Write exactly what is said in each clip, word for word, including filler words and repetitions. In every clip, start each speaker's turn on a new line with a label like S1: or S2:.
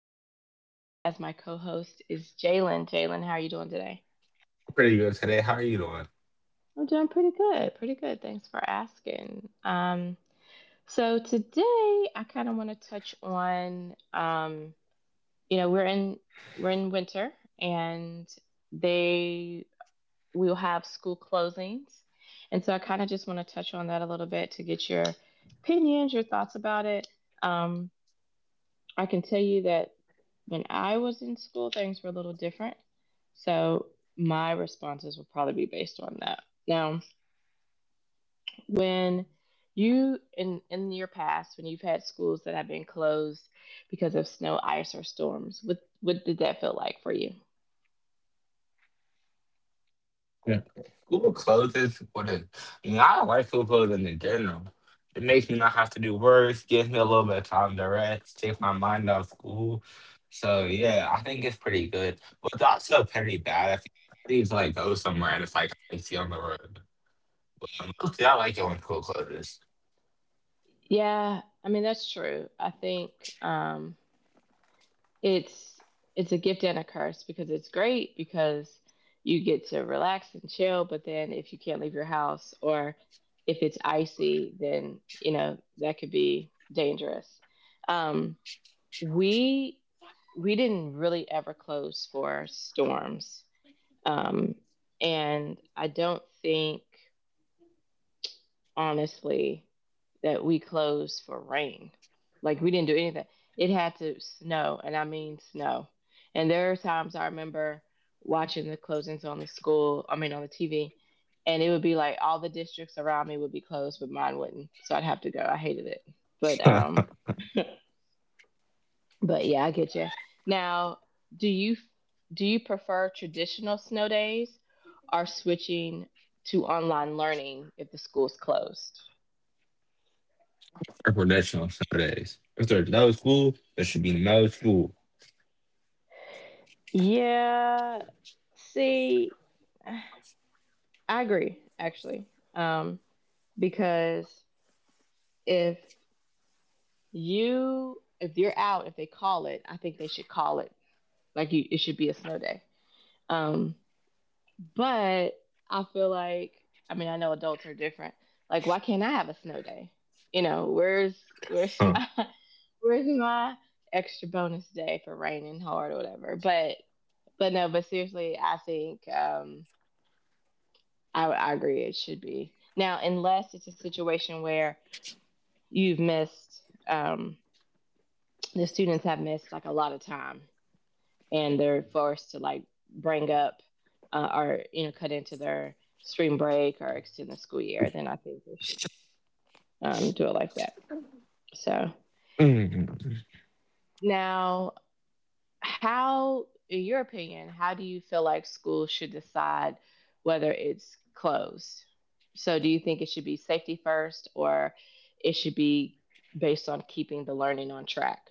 S1: with me with as my co-host is Jalen. Jalen, how are you doing today?
S2: Pretty good today. How are you doing?
S1: I'm doing pretty good, pretty good. Thanks for asking. Um, so today I kind of want to touch on, um, you know, we're in we're in winter, and they will have school closings, and so I kind of just want to touch on that a little bit to get your opinions, your thoughts about it. Um, I can tell you that when I was in school, things were a little different. So my responses would probably be based on that. Now, when you in in your past, when you've had schools that have been closed because of snow, ice, or storms, what what did that feel like for you?
S2: Yeah. Google closes what is I mean, I don't like school closing in general. It makes me not have to do work, gives me a little bit of time to rest, take my mind off school. So yeah, I think it's pretty good. But it's also pretty bad if you need to like go somewhere and it's like icy on the road. But mostly I like it when school closes.
S1: Yeah, I mean that's true. I think, um, it's it's a gift and a curse because it's great because you get to relax and chill, but then if you can't leave your house, or if it's icy, then you know that could be dangerous. Um we we didn't really ever close for storms. Um and I don't think, honestly, that we closed for rain. Like we didn't do anything. It had to snow, and I mean snow. And there are times I remember watching the closings on the school, I mean on the T V, and it would be like all the districts around me would be closed, but mine wouldn't. So I'd have to go. I hated it. But
S2: For
S1: um but yeah, I get you. Now, do you do you prefer traditional snow days or switching to online learning if the school's closed?
S2: Traditional Saturdays. If there's no school, there should be no school.
S1: Yeah. See, I agree actually. Um, because if you if you're out, if they call it, I think they should call it. Like you, it should be a snow day. Um, but I feel like, I mean, I know adults are different. Like why can't I have a snow day? You know, where's where's
S2: Huh.
S1: my where's my extra bonus day for raining hard or whatever? But but no, but seriously, I think, um I, I agree it should be. Now, unless it's a situation where you've missed, um, the students have missed like a lot of time and they're forced to like bring up uh, or, you know, cut into their spring break or extend the school year, then I think we should, um, do it like that. So
S2: Mm.
S1: now, how in your opinion how do you feel like schools should decide whether it's closed? So do you think it should be safety first, or it should be based on keeping the learning on track?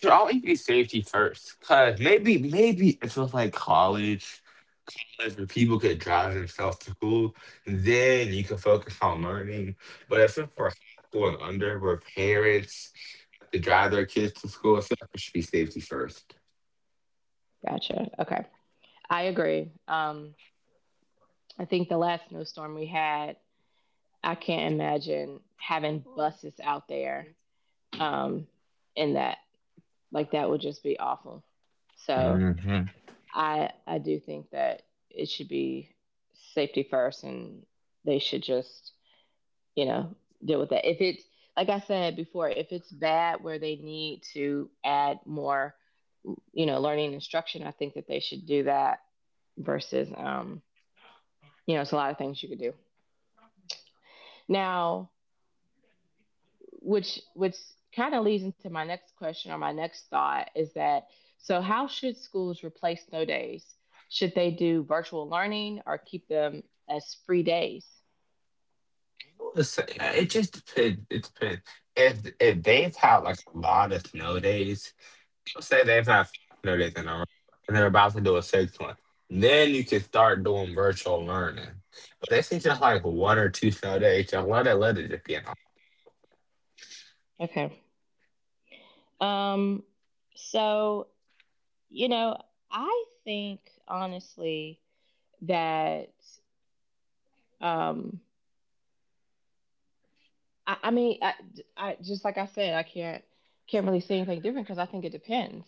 S2: Should always be safety first. Cause maybe maybe if it was like college, if people could drive themselves to school, then you can focus on learning. But if it's for high school and under, where parents have to drive their kids to school, I feel like it should be safety first.
S1: Gotcha, okay, I agree. um, I think the last snowstorm we had, I can't imagine having buses out there. Um, in that Like that would just be awful. So I I do think that it should be safety first, and they should just you know deal with that. If it's like I said before, if it's bad where they need to add more, you know, learning instruction, I think that they should do that versus, um you know it's a lot of things you could do. Now, which which kind of leads into my next question or my next thought is that, so how should schools replace snow days? Should they do virtual learning or keep them as free days?
S2: It just depends. It depends. If if they've had like a lot of snow days, say they've had five hundred in a row, and they're about to do a sixth one. Then you can start doing virtual learning. But they seem just like one or two snow days. Just let it, let it just be an
S1: Okay. Um so, you know, I think honestly that, um I, I mean, I, I just, like I said, I can't can't really say anything different because I think it depends.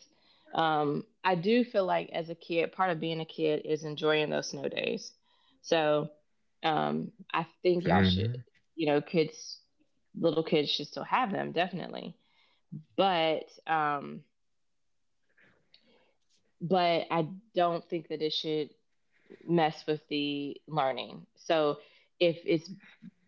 S1: Um, I do feel like as a kid, part of being a kid is enjoying those snow days. So, um, I think y'all should,
S2: option.
S1: you know, kids, little kids should still have them definitely. But um, but I don't think that it should mess with the learning. So if it's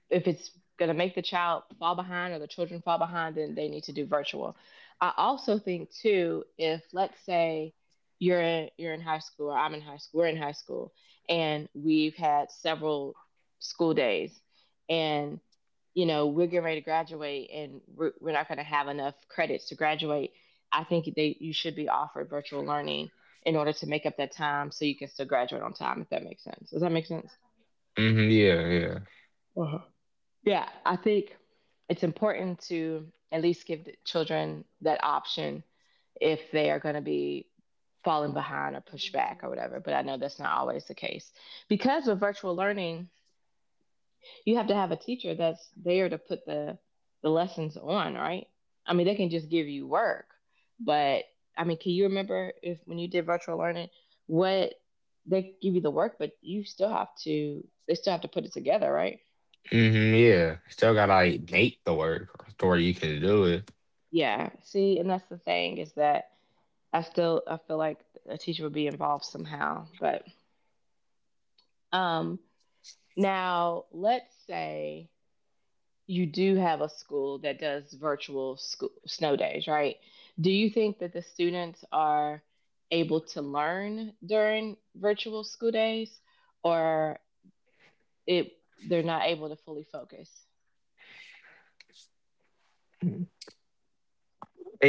S1: if it's going to make the child fall behind or the children fall behind, then they need to do virtual. I also think too, if let's say you're in, you're in high school, or I'm in high school, we're in high school, and we've had several school days, and you know we're getting ready to graduate, and we're, we're not going to have enough credits to graduate. I think they you should be offered virtual learning in order to make up that time so you can still graduate on time. If that makes sense, does that make sense?
S2: Hmm, hmm, yeah, yeah.
S1: Uh-huh. Yeah, I think it's important to at least give the children that option if they are going to be falling behind or pushed back or whatever. But I know that's not always the case because with virtual learning, you have to have a teacher that's there to put the the lessons on, right? I mean, they can just give you work, but I mean, can you remember if when you did virtual learning, what, they give you the work, but you still have to they still have to put it together, right?
S2: Hmm, yeah. Still gotta like make the work to where you can do it.
S1: Yeah. See, and that's the thing is that I still I feel like a teacher would be involved somehow. But, um now let's say you do have a school that does virtual school snow days, right? Do you think that the students are able to learn during virtual school days, or it they're not able to fully focus?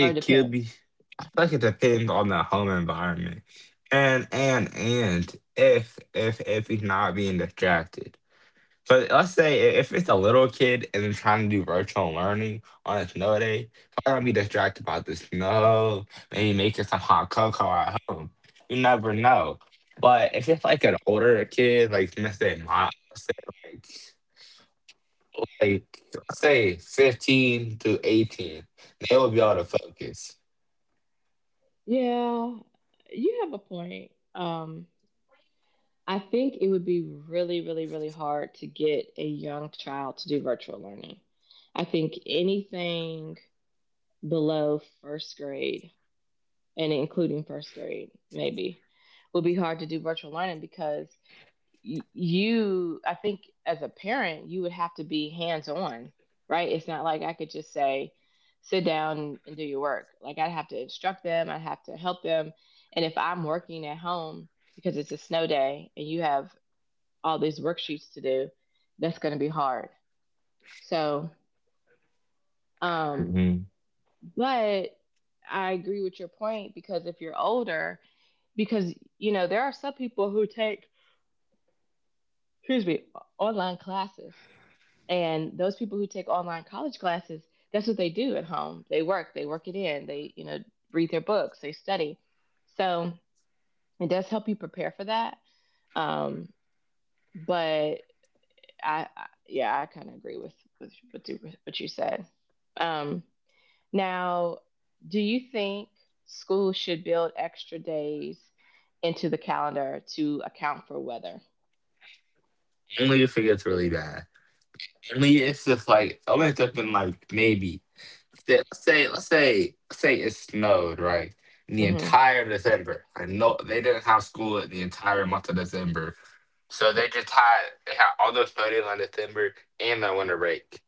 S1: Or it
S2: Q B.
S1: depends.
S2: I feel like it depends on the home environment. And, and, and if, if, if he's not being distracted. But let's say i- if it's a little kid and they're trying to do virtual learning on a snow day, probably gonna be distracted by the snow, maybe making some hot cocoa at home. You never know. But if it's like an older kid, like let's say my let's say like like let's say fifteen to eighteen, they will be able to focus.
S1: Yeah, you have a point. Um I think it would be really, really, really hard to get a young child to do virtual learning. I think anything below first grade and including first grade, maybe, would be hard to do virtual learning because you, I think as a parent, you would have to be hands on, right? It's not like I could just say, sit down and do your work. Like I'd have to instruct them, I'd have to help them. And if I'm working at home because it's a snow day and you have all these worksheets to do, that's going to be hard. So, um,
S2: Mhm.
S1: but I agree with your point because if you're older, because you know there are some people who take, excuse me, online classes, and those people who take online college classes, that's what they do at home. They work, they work it in, they you know read their books, they study. So it does help you prepare for that. Um, but I, I yeah, I kind of agree with with what you, what you said. Um, now, do you think schools should build extra days into the calendar to account for weather?
S2: Only if it gets really bad. Only if it's like only if it's been like maybe that- Let's say, let's say, let's say it snowed, right? In the
S1: Hmm.
S2: entire December. I know they didn't have school in the entire month of December. So they just had, they had all those snow days on December and their winter break.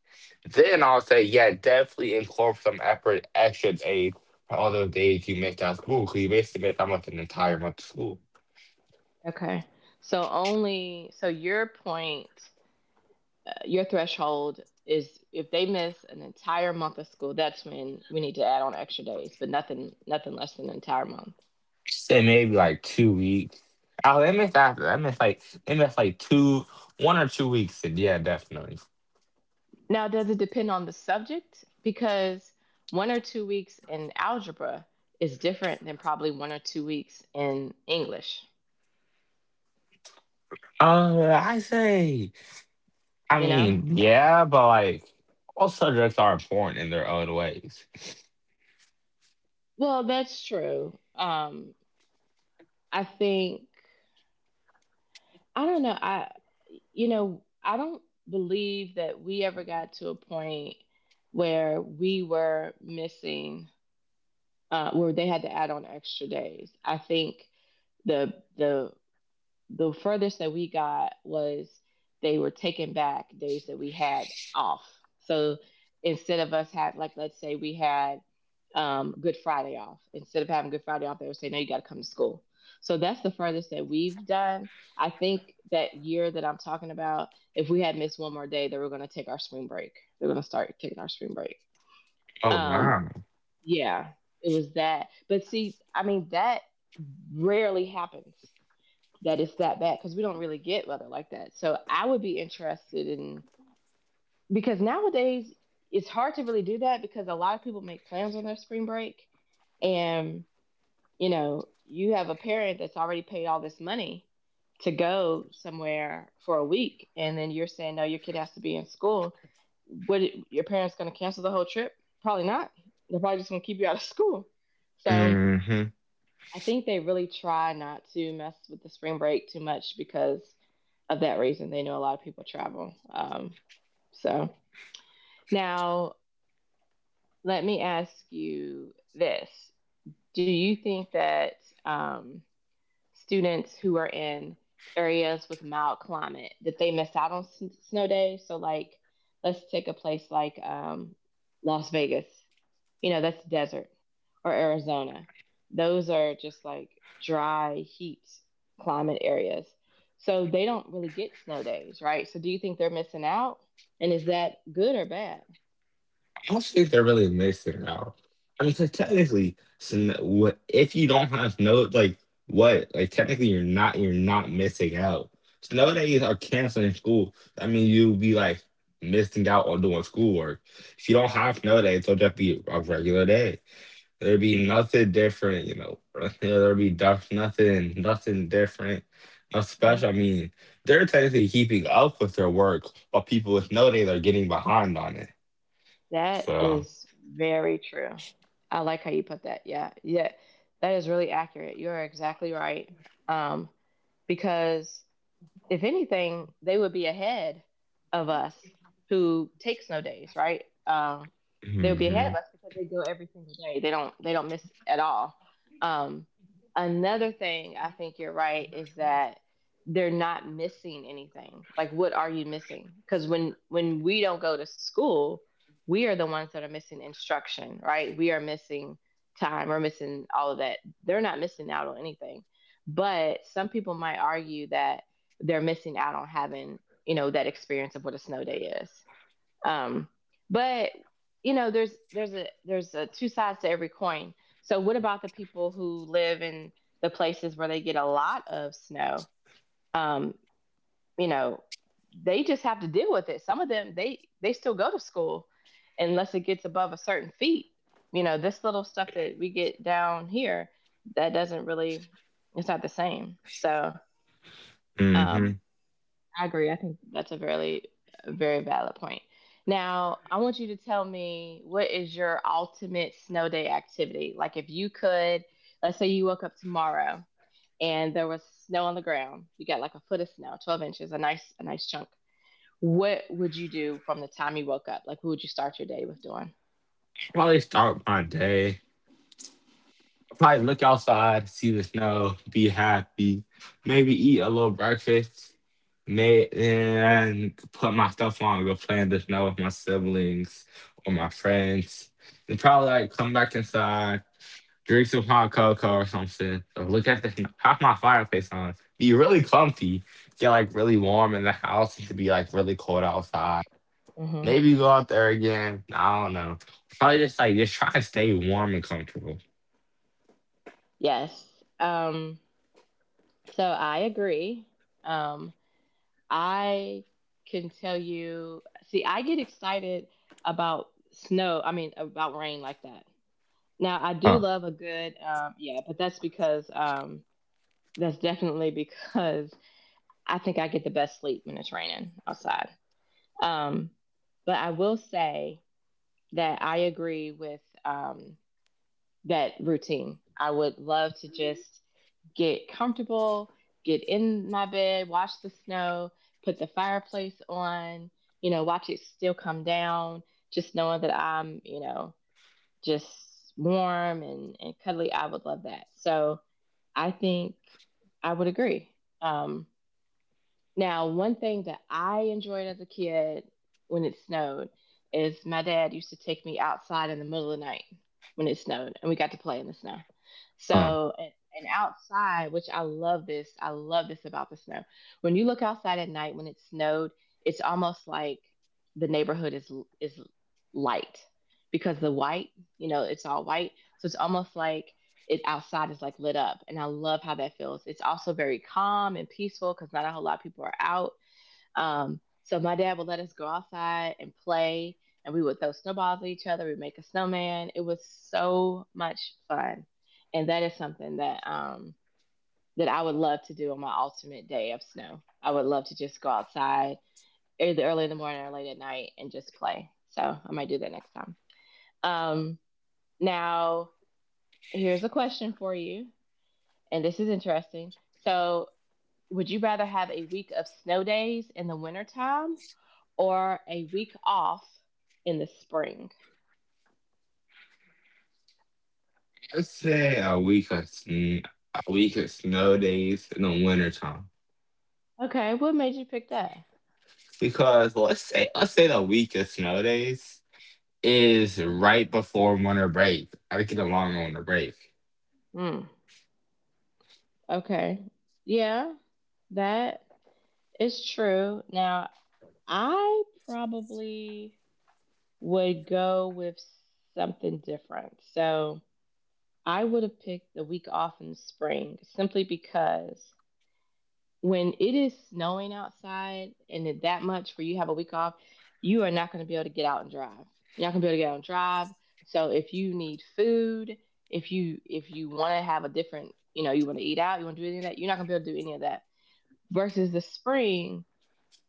S2: Then I'll say, yeah, definitely incorporate some effort, extra days for all those days you missed out of school. Because you basically missed almost an entire month of school.
S1: Okay, so only so your point, uh, your threshold is if they miss an entire month of school, that's when we need to add on extra days, but nothing nothing less than an entire month.
S2: Say maybe like two weeks. Oh, they missed after. They missed like, they missed like two, one or two weeks. And yeah, definitely.
S1: Now, does it depend on the subject? Because one or two weeks in algebra is different than probably one or two weeks in English,
S2: Uh, I say. I
S1: you know?
S2: mean, yeah, but like all subjects are important in their own ways.
S1: Well, that's true. Um, I think, I don't know. I, you know, I don't believe that we ever got to a point where we were missing, uh, where they had to add on extra days. I think the the the furthest that we got was they were taking back days that we had off. So instead of us having, like let's say we had, um, Good Friday off, instead of having Good Friday off, they would say no, you got to come to school. So that's the furthest that we've done. I think that year that I'm talking about, if we had missed one more day, they were going to take our spring break. They were going to start taking our spring break.
S2: Oh
S1: Um,
S2: wow.
S1: yeah, it was that. But see, I mean, that rarely happens that it's that bad because we don't really get weather like that. So I would be interested in, because nowadays it's hard to really do that because a lot of people make plans on their spring break, and you know you have a parent that's already paid all this money to go somewhere for a week, and then you're saying no, your kid has to be in school. What, your parents going to cancel the whole trip? Probably not. They're probably just going to keep you out of school. So
S2: Hmm.
S1: I think they really try not to mess with the spring break too much because of that reason. They know a lot of people travel. Um, so now let me ask you this: Do you think that, um, students who are in areas with mild climate, that they miss out on s- snow days? So like, let's take a place like, um, Las Vegas. You know, that's desert. Or Arizona. Those are just like dry heat climate areas. So they don't really get snow days, right? So do you think they're missing out? And is that good or bad?
S2: I don't think they're really missing out. I mean, 'cause technically, sn- what- if you don't have no like what like technically you're not you're not missing out. Snow days are canceling school. I mean, you'll be like missing out on doing schoolwork. If you don't have snow days, it'll just be a regular day. There'd be nothing different, you know. Bro. There'd be duff, nothing, nothing different, nothing
S1: Yeah.
S2: special. I mean, they're technically keeping up with their work, but people with no data are getting behind on it.
S1: That
S2: So,
S1: is very true. I like how you put that. Yeah. Yeah. That is really accurate. You are exactly right. Um, because if anything, they would be ahead of us who take snow days, right? Um, they would be ahead
S2: hmm.
S1: of us because they go every single day. They don't they don't miss at all. Um, Another thing I think you're right is that they're not missing anything. Like what are you missing? Because when when we don't go to school, we are the ones that are missing instruction, right? We are missing time, we're missing all of that. They're not missing out on anything. But some people might argue that they're missing out on having you know that experience of what a snow day is um, but you know there's there's a there's a two sides to every coin. So what about the people who live in the places where they get a lot of snow? um, you know they just have to deal with it. Some of them, they they still go to school unless it gets above a certain feet. You know, this little stuff that we get down here, that doesn't really, it's not the same. So um,
S2: Hmm.
S1: I agree. I think that's a very, a very valid point. Now, I want you to tell me, what is your ultimate snow day activity? Like, if you could, let's say you woke up tomorrow and there was snow on the ground, you got like a foot of snow, twelve inches, a nice, a nice chunk. What would you do from the time you woke up? Like, what would you start your day with doing?
S2: Probably start my day. Probably look outside, see the snow, be happy, maybe eat a little breakfast, may and put my stuff on, go play in the snow with my siblings or my friends. And probably like come back inside. Drink some hot cocoa or something. Or look at the Have my fireplace on. Be really comfy. Get like really warm in the house to be like really cold outside.
S1: Hmm
S2: Maybe go out there again. I don't know. Probably just like just try to stay warm and comfortable.
S1: Yes. Um, so I agree. Um, I can tell you, see, I get excited about snow, I mean, about rain like that. Now I do
S2: Huh.
S1: love a good um yeah, but that's because um that's definitely because I think I get the best sleep when it's raining outside. Um but I will say that I agree with um that routine. I would love to just get comfortable, get in my bed, watch the snow, put the fireplace on, you know, watch it still come down, just knowing that I'm, you know, just warm and, and cuddly. I would love that. So I think I would agree. Um, Now, one thing that I enjoyed as a kid when it snowed is my dad used to take me outside in the middle of the night when it snowed and we got to play in the snow.
S2: Huh.
S1: So, and, and outside, which I love this, I love this about the snow. When you look outside at night when it snowed, it's almost like the neighborhood is is light because the white, you know, it's all white. So it's almost like it outside is like lit up, and I love how that feels. It's also very calm and peaceful because not a whole lot of people are out. Um, so my dad would let us go outside and play, and we would throw snowballs at each other, we'd make a snowman. It was so much fun, and that is something that um, that I would love to do on my ultimate day of snow. I would love to just go outside either early in the morning or late at night and just play, so I might do that next time. um, Now, here's a question for you, and this is interesting. So, would you rather have a week of snow days in the wintertime or a week off in the spring?
S2: Let's say a week of sn- a week of snow days in the wintertime.
S1: Okay, what made you pick that?
S2: Because let's say let's say the week of snow days is right before winter break. I think it's a long winter break.
S1: Hmm. Okay. Yeah, that is true. Now, I probably would go with something different. So, I would have picked the week off in the spring simply because when it is snowing outside and it that much where you have a week off, you are not going to be able to get out and drive. You're not going to be able to get out and drive. So if you need food, if you if you want to have a different, you know, you want to eat out, you want to do any of that, you're not going to be able to do any of that. Versus the spring,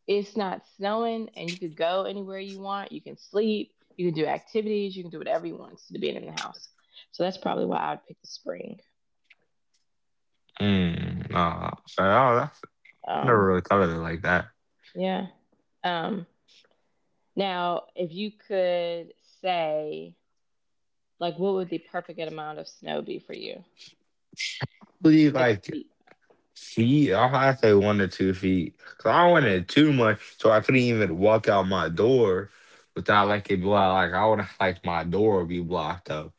S1: it's not snowing and you could go anywhere you want. You can sleep, you can do activities, you can do whatever you want to being in the house. So that's probably why I would pick the spring.
S2: Mm, nah. So, oh, I never
S1: Um,
S2: really thought of it like that.
S1: yeah. Um, Now, if you could say, like, what would the perfect amount of snow be for you?
S2: Believe
S1: Like
S2: like
S1: feet.
S2: feet. I'll have to say one to two feet. Cause I wanted too much, so I couldn't even walk out my door without like it blocked. Like I would have like my door would be blocked up.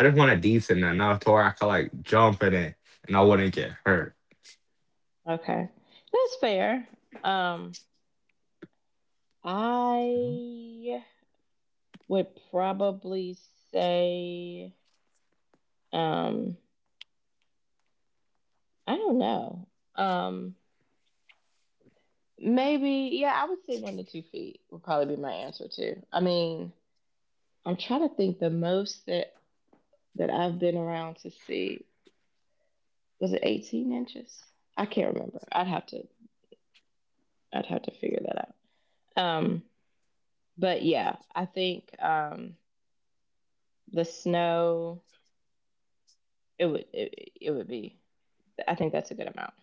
S2: I just wanted decent enough to where I could like jump in it and I wouldn't get hurt.
S1: Okay. That's fair. Um, I would probably say, um, I don't know. Um, Maybe, yeah, I would say one to two feet would probably be my answer too. I mean, I'm trying to think, the most that that I've been around to see, was it eighteen inches? I can't remember. I'd have to I'd have to figure that out. Um, but yeah, I think um, the snow, it would it, it would be, I think that's a good amount.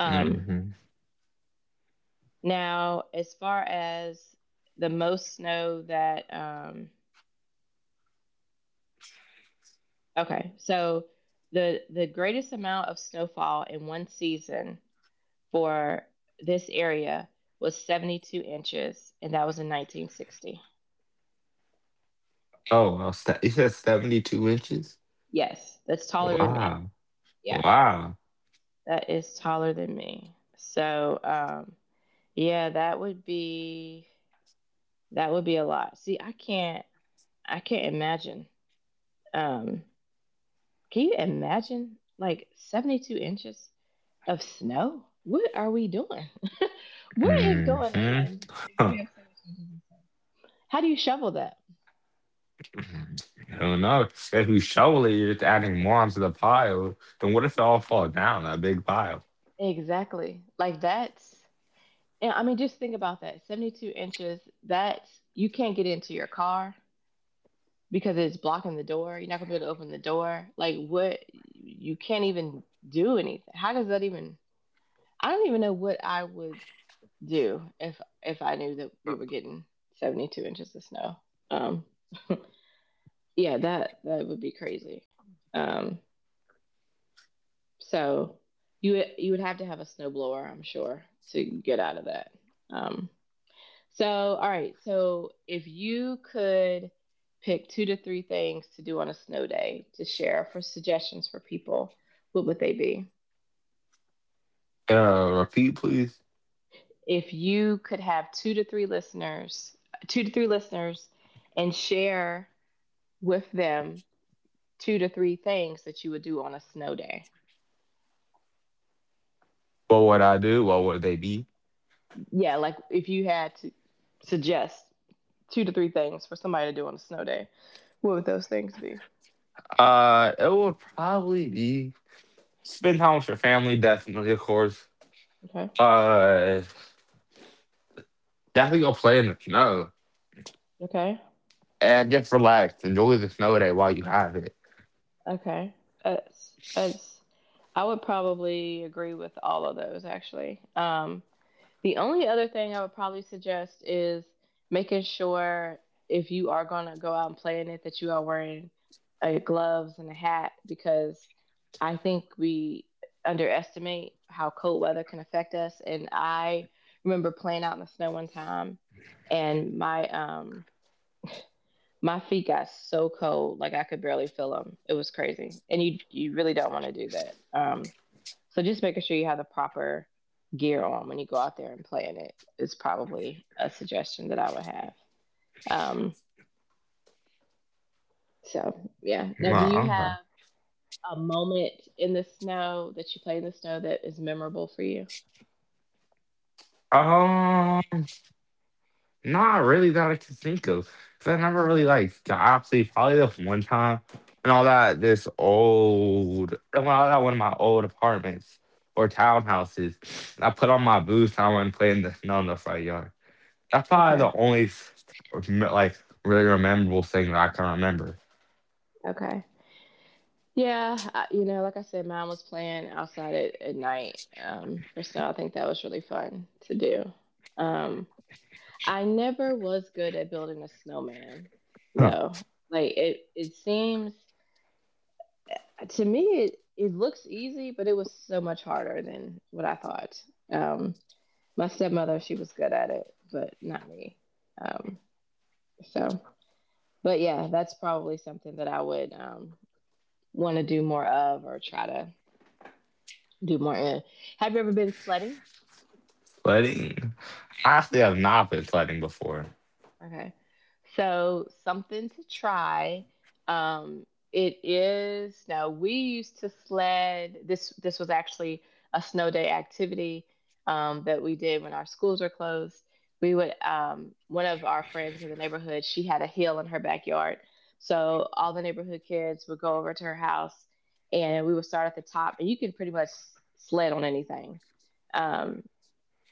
S1: Um,
S2: Hmm.
S1: Now, as far as the most snow that um, okay, so the the greatest amount of snowfall in one season for this area was seventy-two inches, and that was in nineteen sixty.
S2: Oh well, st- you said seventy-two inches.
S1: Yes, that's taller than me.
S2: Wow,
S1: Yeah,
S2: wow.
S1: that is taller than me. So um, yeah, that would be, that would be a lot. See, I can't I can't imagine. Um, can you imagine like seventy two inches of snow? What are we doing? What is going
S2: Hmm.
S1: on? If you have seventy two inches of snow, how do you shovel that?
S2: Who knows? If you shovel it, you're just adding more onto the pile. Then what if it all fall down, that big pile?
S1: Exactly. Like that's, I mean, just think about that. Seventy two inches. That's, you can't get into your car because it's blocking the door. You're not gonna be able to open the door. Like what? You can't even do anything. How does that even? I don't even know what I would do if if I knew that we were getting seventy-two inches of snow. Um, yeah, that that would be crazy. Um, so you you would have to have a snowblower, I'm sure, to get out of that. Um, So, all right. So, if you could pick two to three things to do on a snow day to share for suggestions for people, what would they be?
S2: Uh, repeat, please.
S1: If you could have two to three listeners, two to three listeners, and share with them two to three things that you would do on a snow day.
S2: What would I do? What would they be?
S1: Yeah, like if you had to suggest two to three things for somebody to do on a snow day, what would those things be?
S2: Uh, it would probably be spend time with your family, definitely, of course.
S1: Okay.
S2: Uh, Definitely go play in the snow
S1: Okay.
S2: and just relax. Enjoy the snow day while you have it.
S1: Okay. As as I would probably agree with all of those actually. Um, the only other thing I would probably suggest is making sure if you are going to go out and play in it that you are wearing uh, gloves and a hat because I think we underestimate how cold weather can affect us. And I remember playing out in the snow one time, and my um, my feet got so cold, like I could barely feel them. It was crazy, and you you really don't want to do that. Um, so just making sure you have the proper gear on when you go out there and play in it is probably a suggestion that I would have. Um, so yeah. Now,
S2: No,
S1: do you
S2: okay.
S1: have a moment in the snow that you play in the snow that is memorable for you?
S2: Um, Not really that I can think of. Cause I never really
S1: Okay.
S2: like got sleep. Probably the one time and all that this old and all that one of my old apartments or townhouses. I put on my boots and I went and played in the snow in the front yard. That's probably the
S1: Okay.
S2: only like really memorable thing that I can remember.
S1: Okay. Yeah, I, you know, like I said, mine was playing outside at, at night um, for snow. I think that was really fun to do. Um, I never was good at building a snowman,
S2: Huh.
S1: though. Like it, it seems eh, to me it, it looks easy, but it was so much harder than what I thought. Um, my stepmother, she was good at it, but not me. Um, so, but yeah, that's probably something that I would um, want to do more of or try to do more in. Have you ever been sledding?
S2: Sledding. I actually have not been sledding before.
S1: Okay. So something to try. Um, it is. Now we used to sled. This this was actually a snow day activity um, that we did when our schools were closed. We would um, one of our friends in the neighborhood, she had a hill in her backyard, so all the neighborhood kids would go over to her house, and we would start at the top. And you can pretty much sled on anything. Um,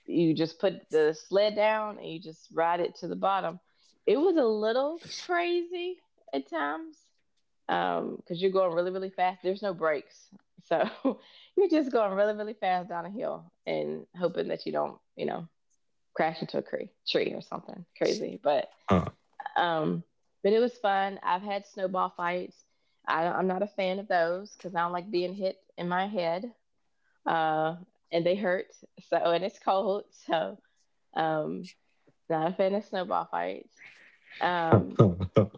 S1: you just put the sled down and you just ride it to the bottom. It was a little crazy at times because um, you're going really, really fast. There's no brakes. So you're just going really, really fast down a hill and hoping that you don't, you know, crash into a cre- tree or something crazy. But,
S2: Huh.
S1: um, but it was fun. I've had snowball fights. I, I'm not a fan of those because I don't like being hit in my head uh, and they hurt. So, and it's cold. So, um, not a fan of snowball fights. Um,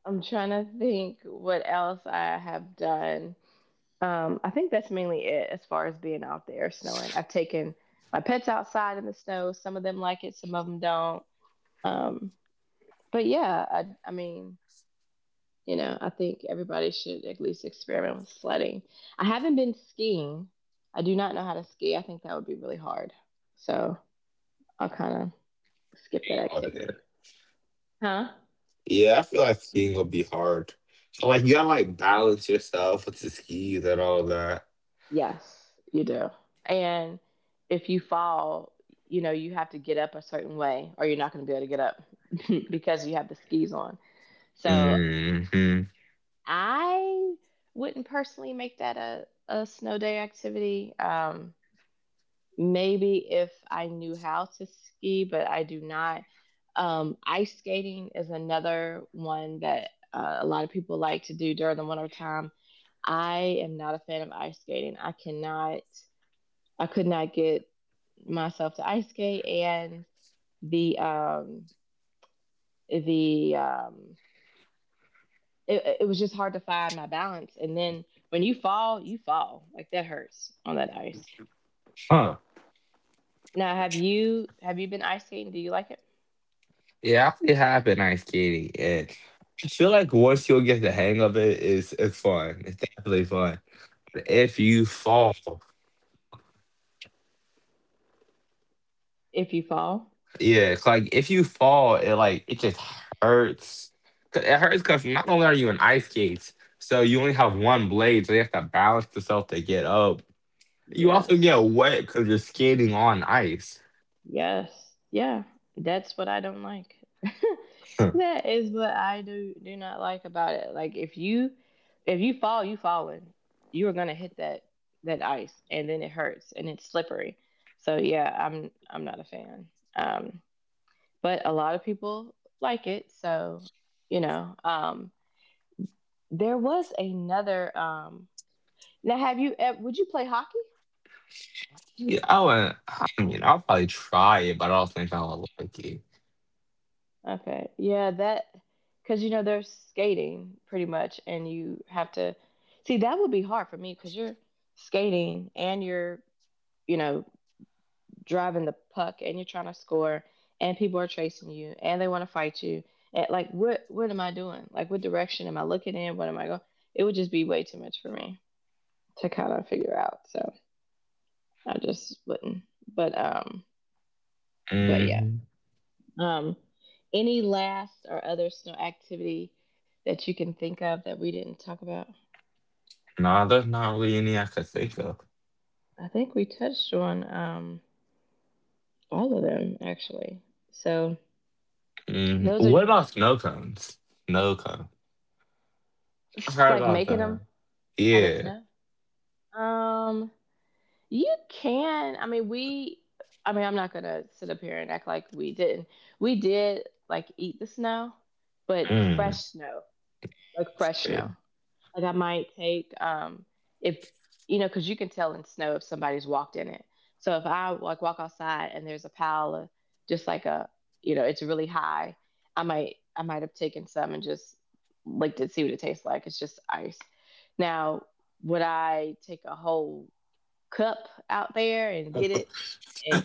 S1: I'm trying to think what else I have done. Um, I think that's mainly it as far as being out there snowing. I've taken my pets outside in the snow. Some of them like it, some of them don't. Um, but yeah, I, I mean, you know, I think everybody should at least experiment with sledding. I haven't been skiing. I do not know how to ski. I think that would be really hard. So I'll kind of skip that
S2: Oh, yeah.
S1: activity. Huh?
S2: Yeah, I feel like skiing will be hard. Like you gotta like balance yourself with the skis and all that.
S1: Yes, you do. And if you fall, you know, you have to get up a certain way or you're not going to be able to get up because you have the skis on. So
S2: Hmm.
S1: I wouldn't personally make that a, a snow day activity. Um, maybe if I knew how to ski, but I do not. Um, ice skating is another one that uh, a lot of people like to do during the winter time. I am not a fan of ice skating. I cannot, I could not get myself to ice skate, and the um, the um, it, it was just hard to find my balance. And then when you fall, you fall, like, that hurts on that ice.
S2: Huh.
S1: Now, have you have you been ice skating? Do you like it?
S2: Yeah, I actually have been ice skating and I feel like once you'll get the hang of it, it's it's fun. It's definitely fun. But if you fall,
S1: If you fall,
S2: yeah, it's like if you fall, it like it just hurts. 'Cause it hurts because not only are you in ice skates, so you only have one blade, so you have to balance yourself to get up. You also get
S1: yes.
S2: wet because you're skating on ice.
S1: Yes. Yeah. That's what I don't like.
S2: Hmm.
S1: That is what I do, do not like about it. Like, if you if you fall, you falling. You are gonna hit that that ice and then it hurts and it's slippery. So yeah, I'm I'm not a fan. Um but a lot of people like it, so you know. Um there was another um now have you ev- would you play hockey?
S2: Yeah, I would. I mean, I'll probably try it, but I don't think I would like it.
S1: Okay. Yeah, that, because you know they're skating pretty much, and you have to, see, that would be hard for me because you're skating and you're, you know, driving the puck and you're trying to score, and people are chasing you and they want to fight you. And like, what what am I doing? Like, what direction am I looking in? What am I going? It would just be way too much for me to kind of figure out. So I just wouldn't. But um, but yeah.
S2: Mm,
S1: Um, any last or other snow activity that you can think of that we didn't talk about?
S2: nah, there's not really any I could think of.
S1: I think we touched on um, all of them actually. So
S2: Mm,
S1: those are
S2: what
S1: just,
S2: about snow cones? Snow cone. I
S1: it's
S2: heard
S1: like
S2: about
S1: making
S2: that.
S1: them out of
S2: Yeah.
S1: snow. Um, you can. I mean, we. I mean, I'm not gonna sit up here and act like we didn't. We did, like, eat the snow, but fresh
S2: Mm.
S1: snow, like fresh
S2: Yeah.
S1: snow. Like I might take um if, you know, because you can tell in snow if somebody's walked in it. So if I like walk outside and there's a pile of just like a, you know, it's really high, I might I might have taken some and just licked it, see what it tastes like. It's just ice. Now would I take a whole cup out there and get it? And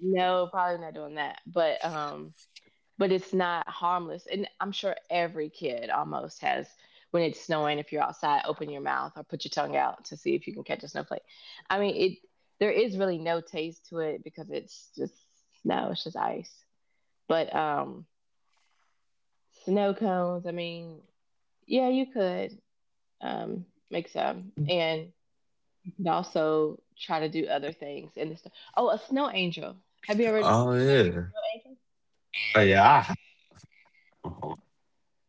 S1: no, probably not doing that. But um but it's not harmless. And I'm sure every kid almost has, when it's snowing, if you're outside, open your mouth or put your tongue out to see if you can catch a snowflake. I mean, it, there is really no taste to it because it's just snow, it's just ice. But um Snow cones, I mean, yeah, you could um make some. And you could also try to do other things in the snow. Oh, a snow angel. Have you ever
S2: Oh
S1: tried to make a
S2: yeah.
S1: snow angel?
S2: Oh yeah. I have.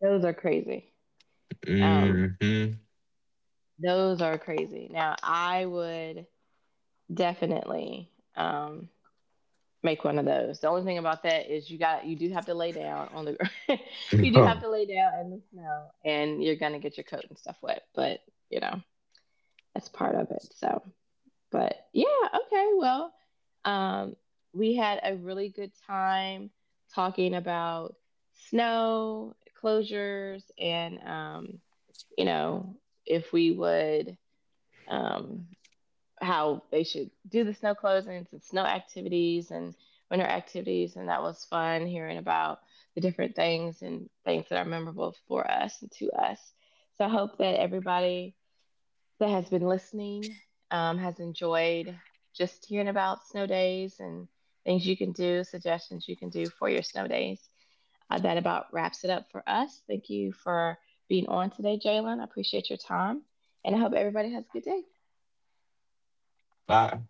S1: Those are crazy. Um
S2: Mm-hmm.
S1: Those are crazy. Now, I would definitely um, make one of those. The only thing about that is you got, you do have to lay down on the gr- you do have to lay down in the snow, and you're gonna get your coat and stuff wet. But you know, that's part of it. So, but yeah, okay. Well, um, we had a really good time talking about snow closures and um, you know, if we would um, how they should do the snow closings and snow activities and winter activities. And that was fun hearing about the different things and things that are memorable for us and to us. So I hope that everybody that has been listening um, has enjoyed just hearing about snow days and things you can do, suggestions you can do for your snow days. Uh, that about wraps it up for us. Thank you for being on today, Jalen. I appreciate your time. And I hope everybody has a good day.
S2: No.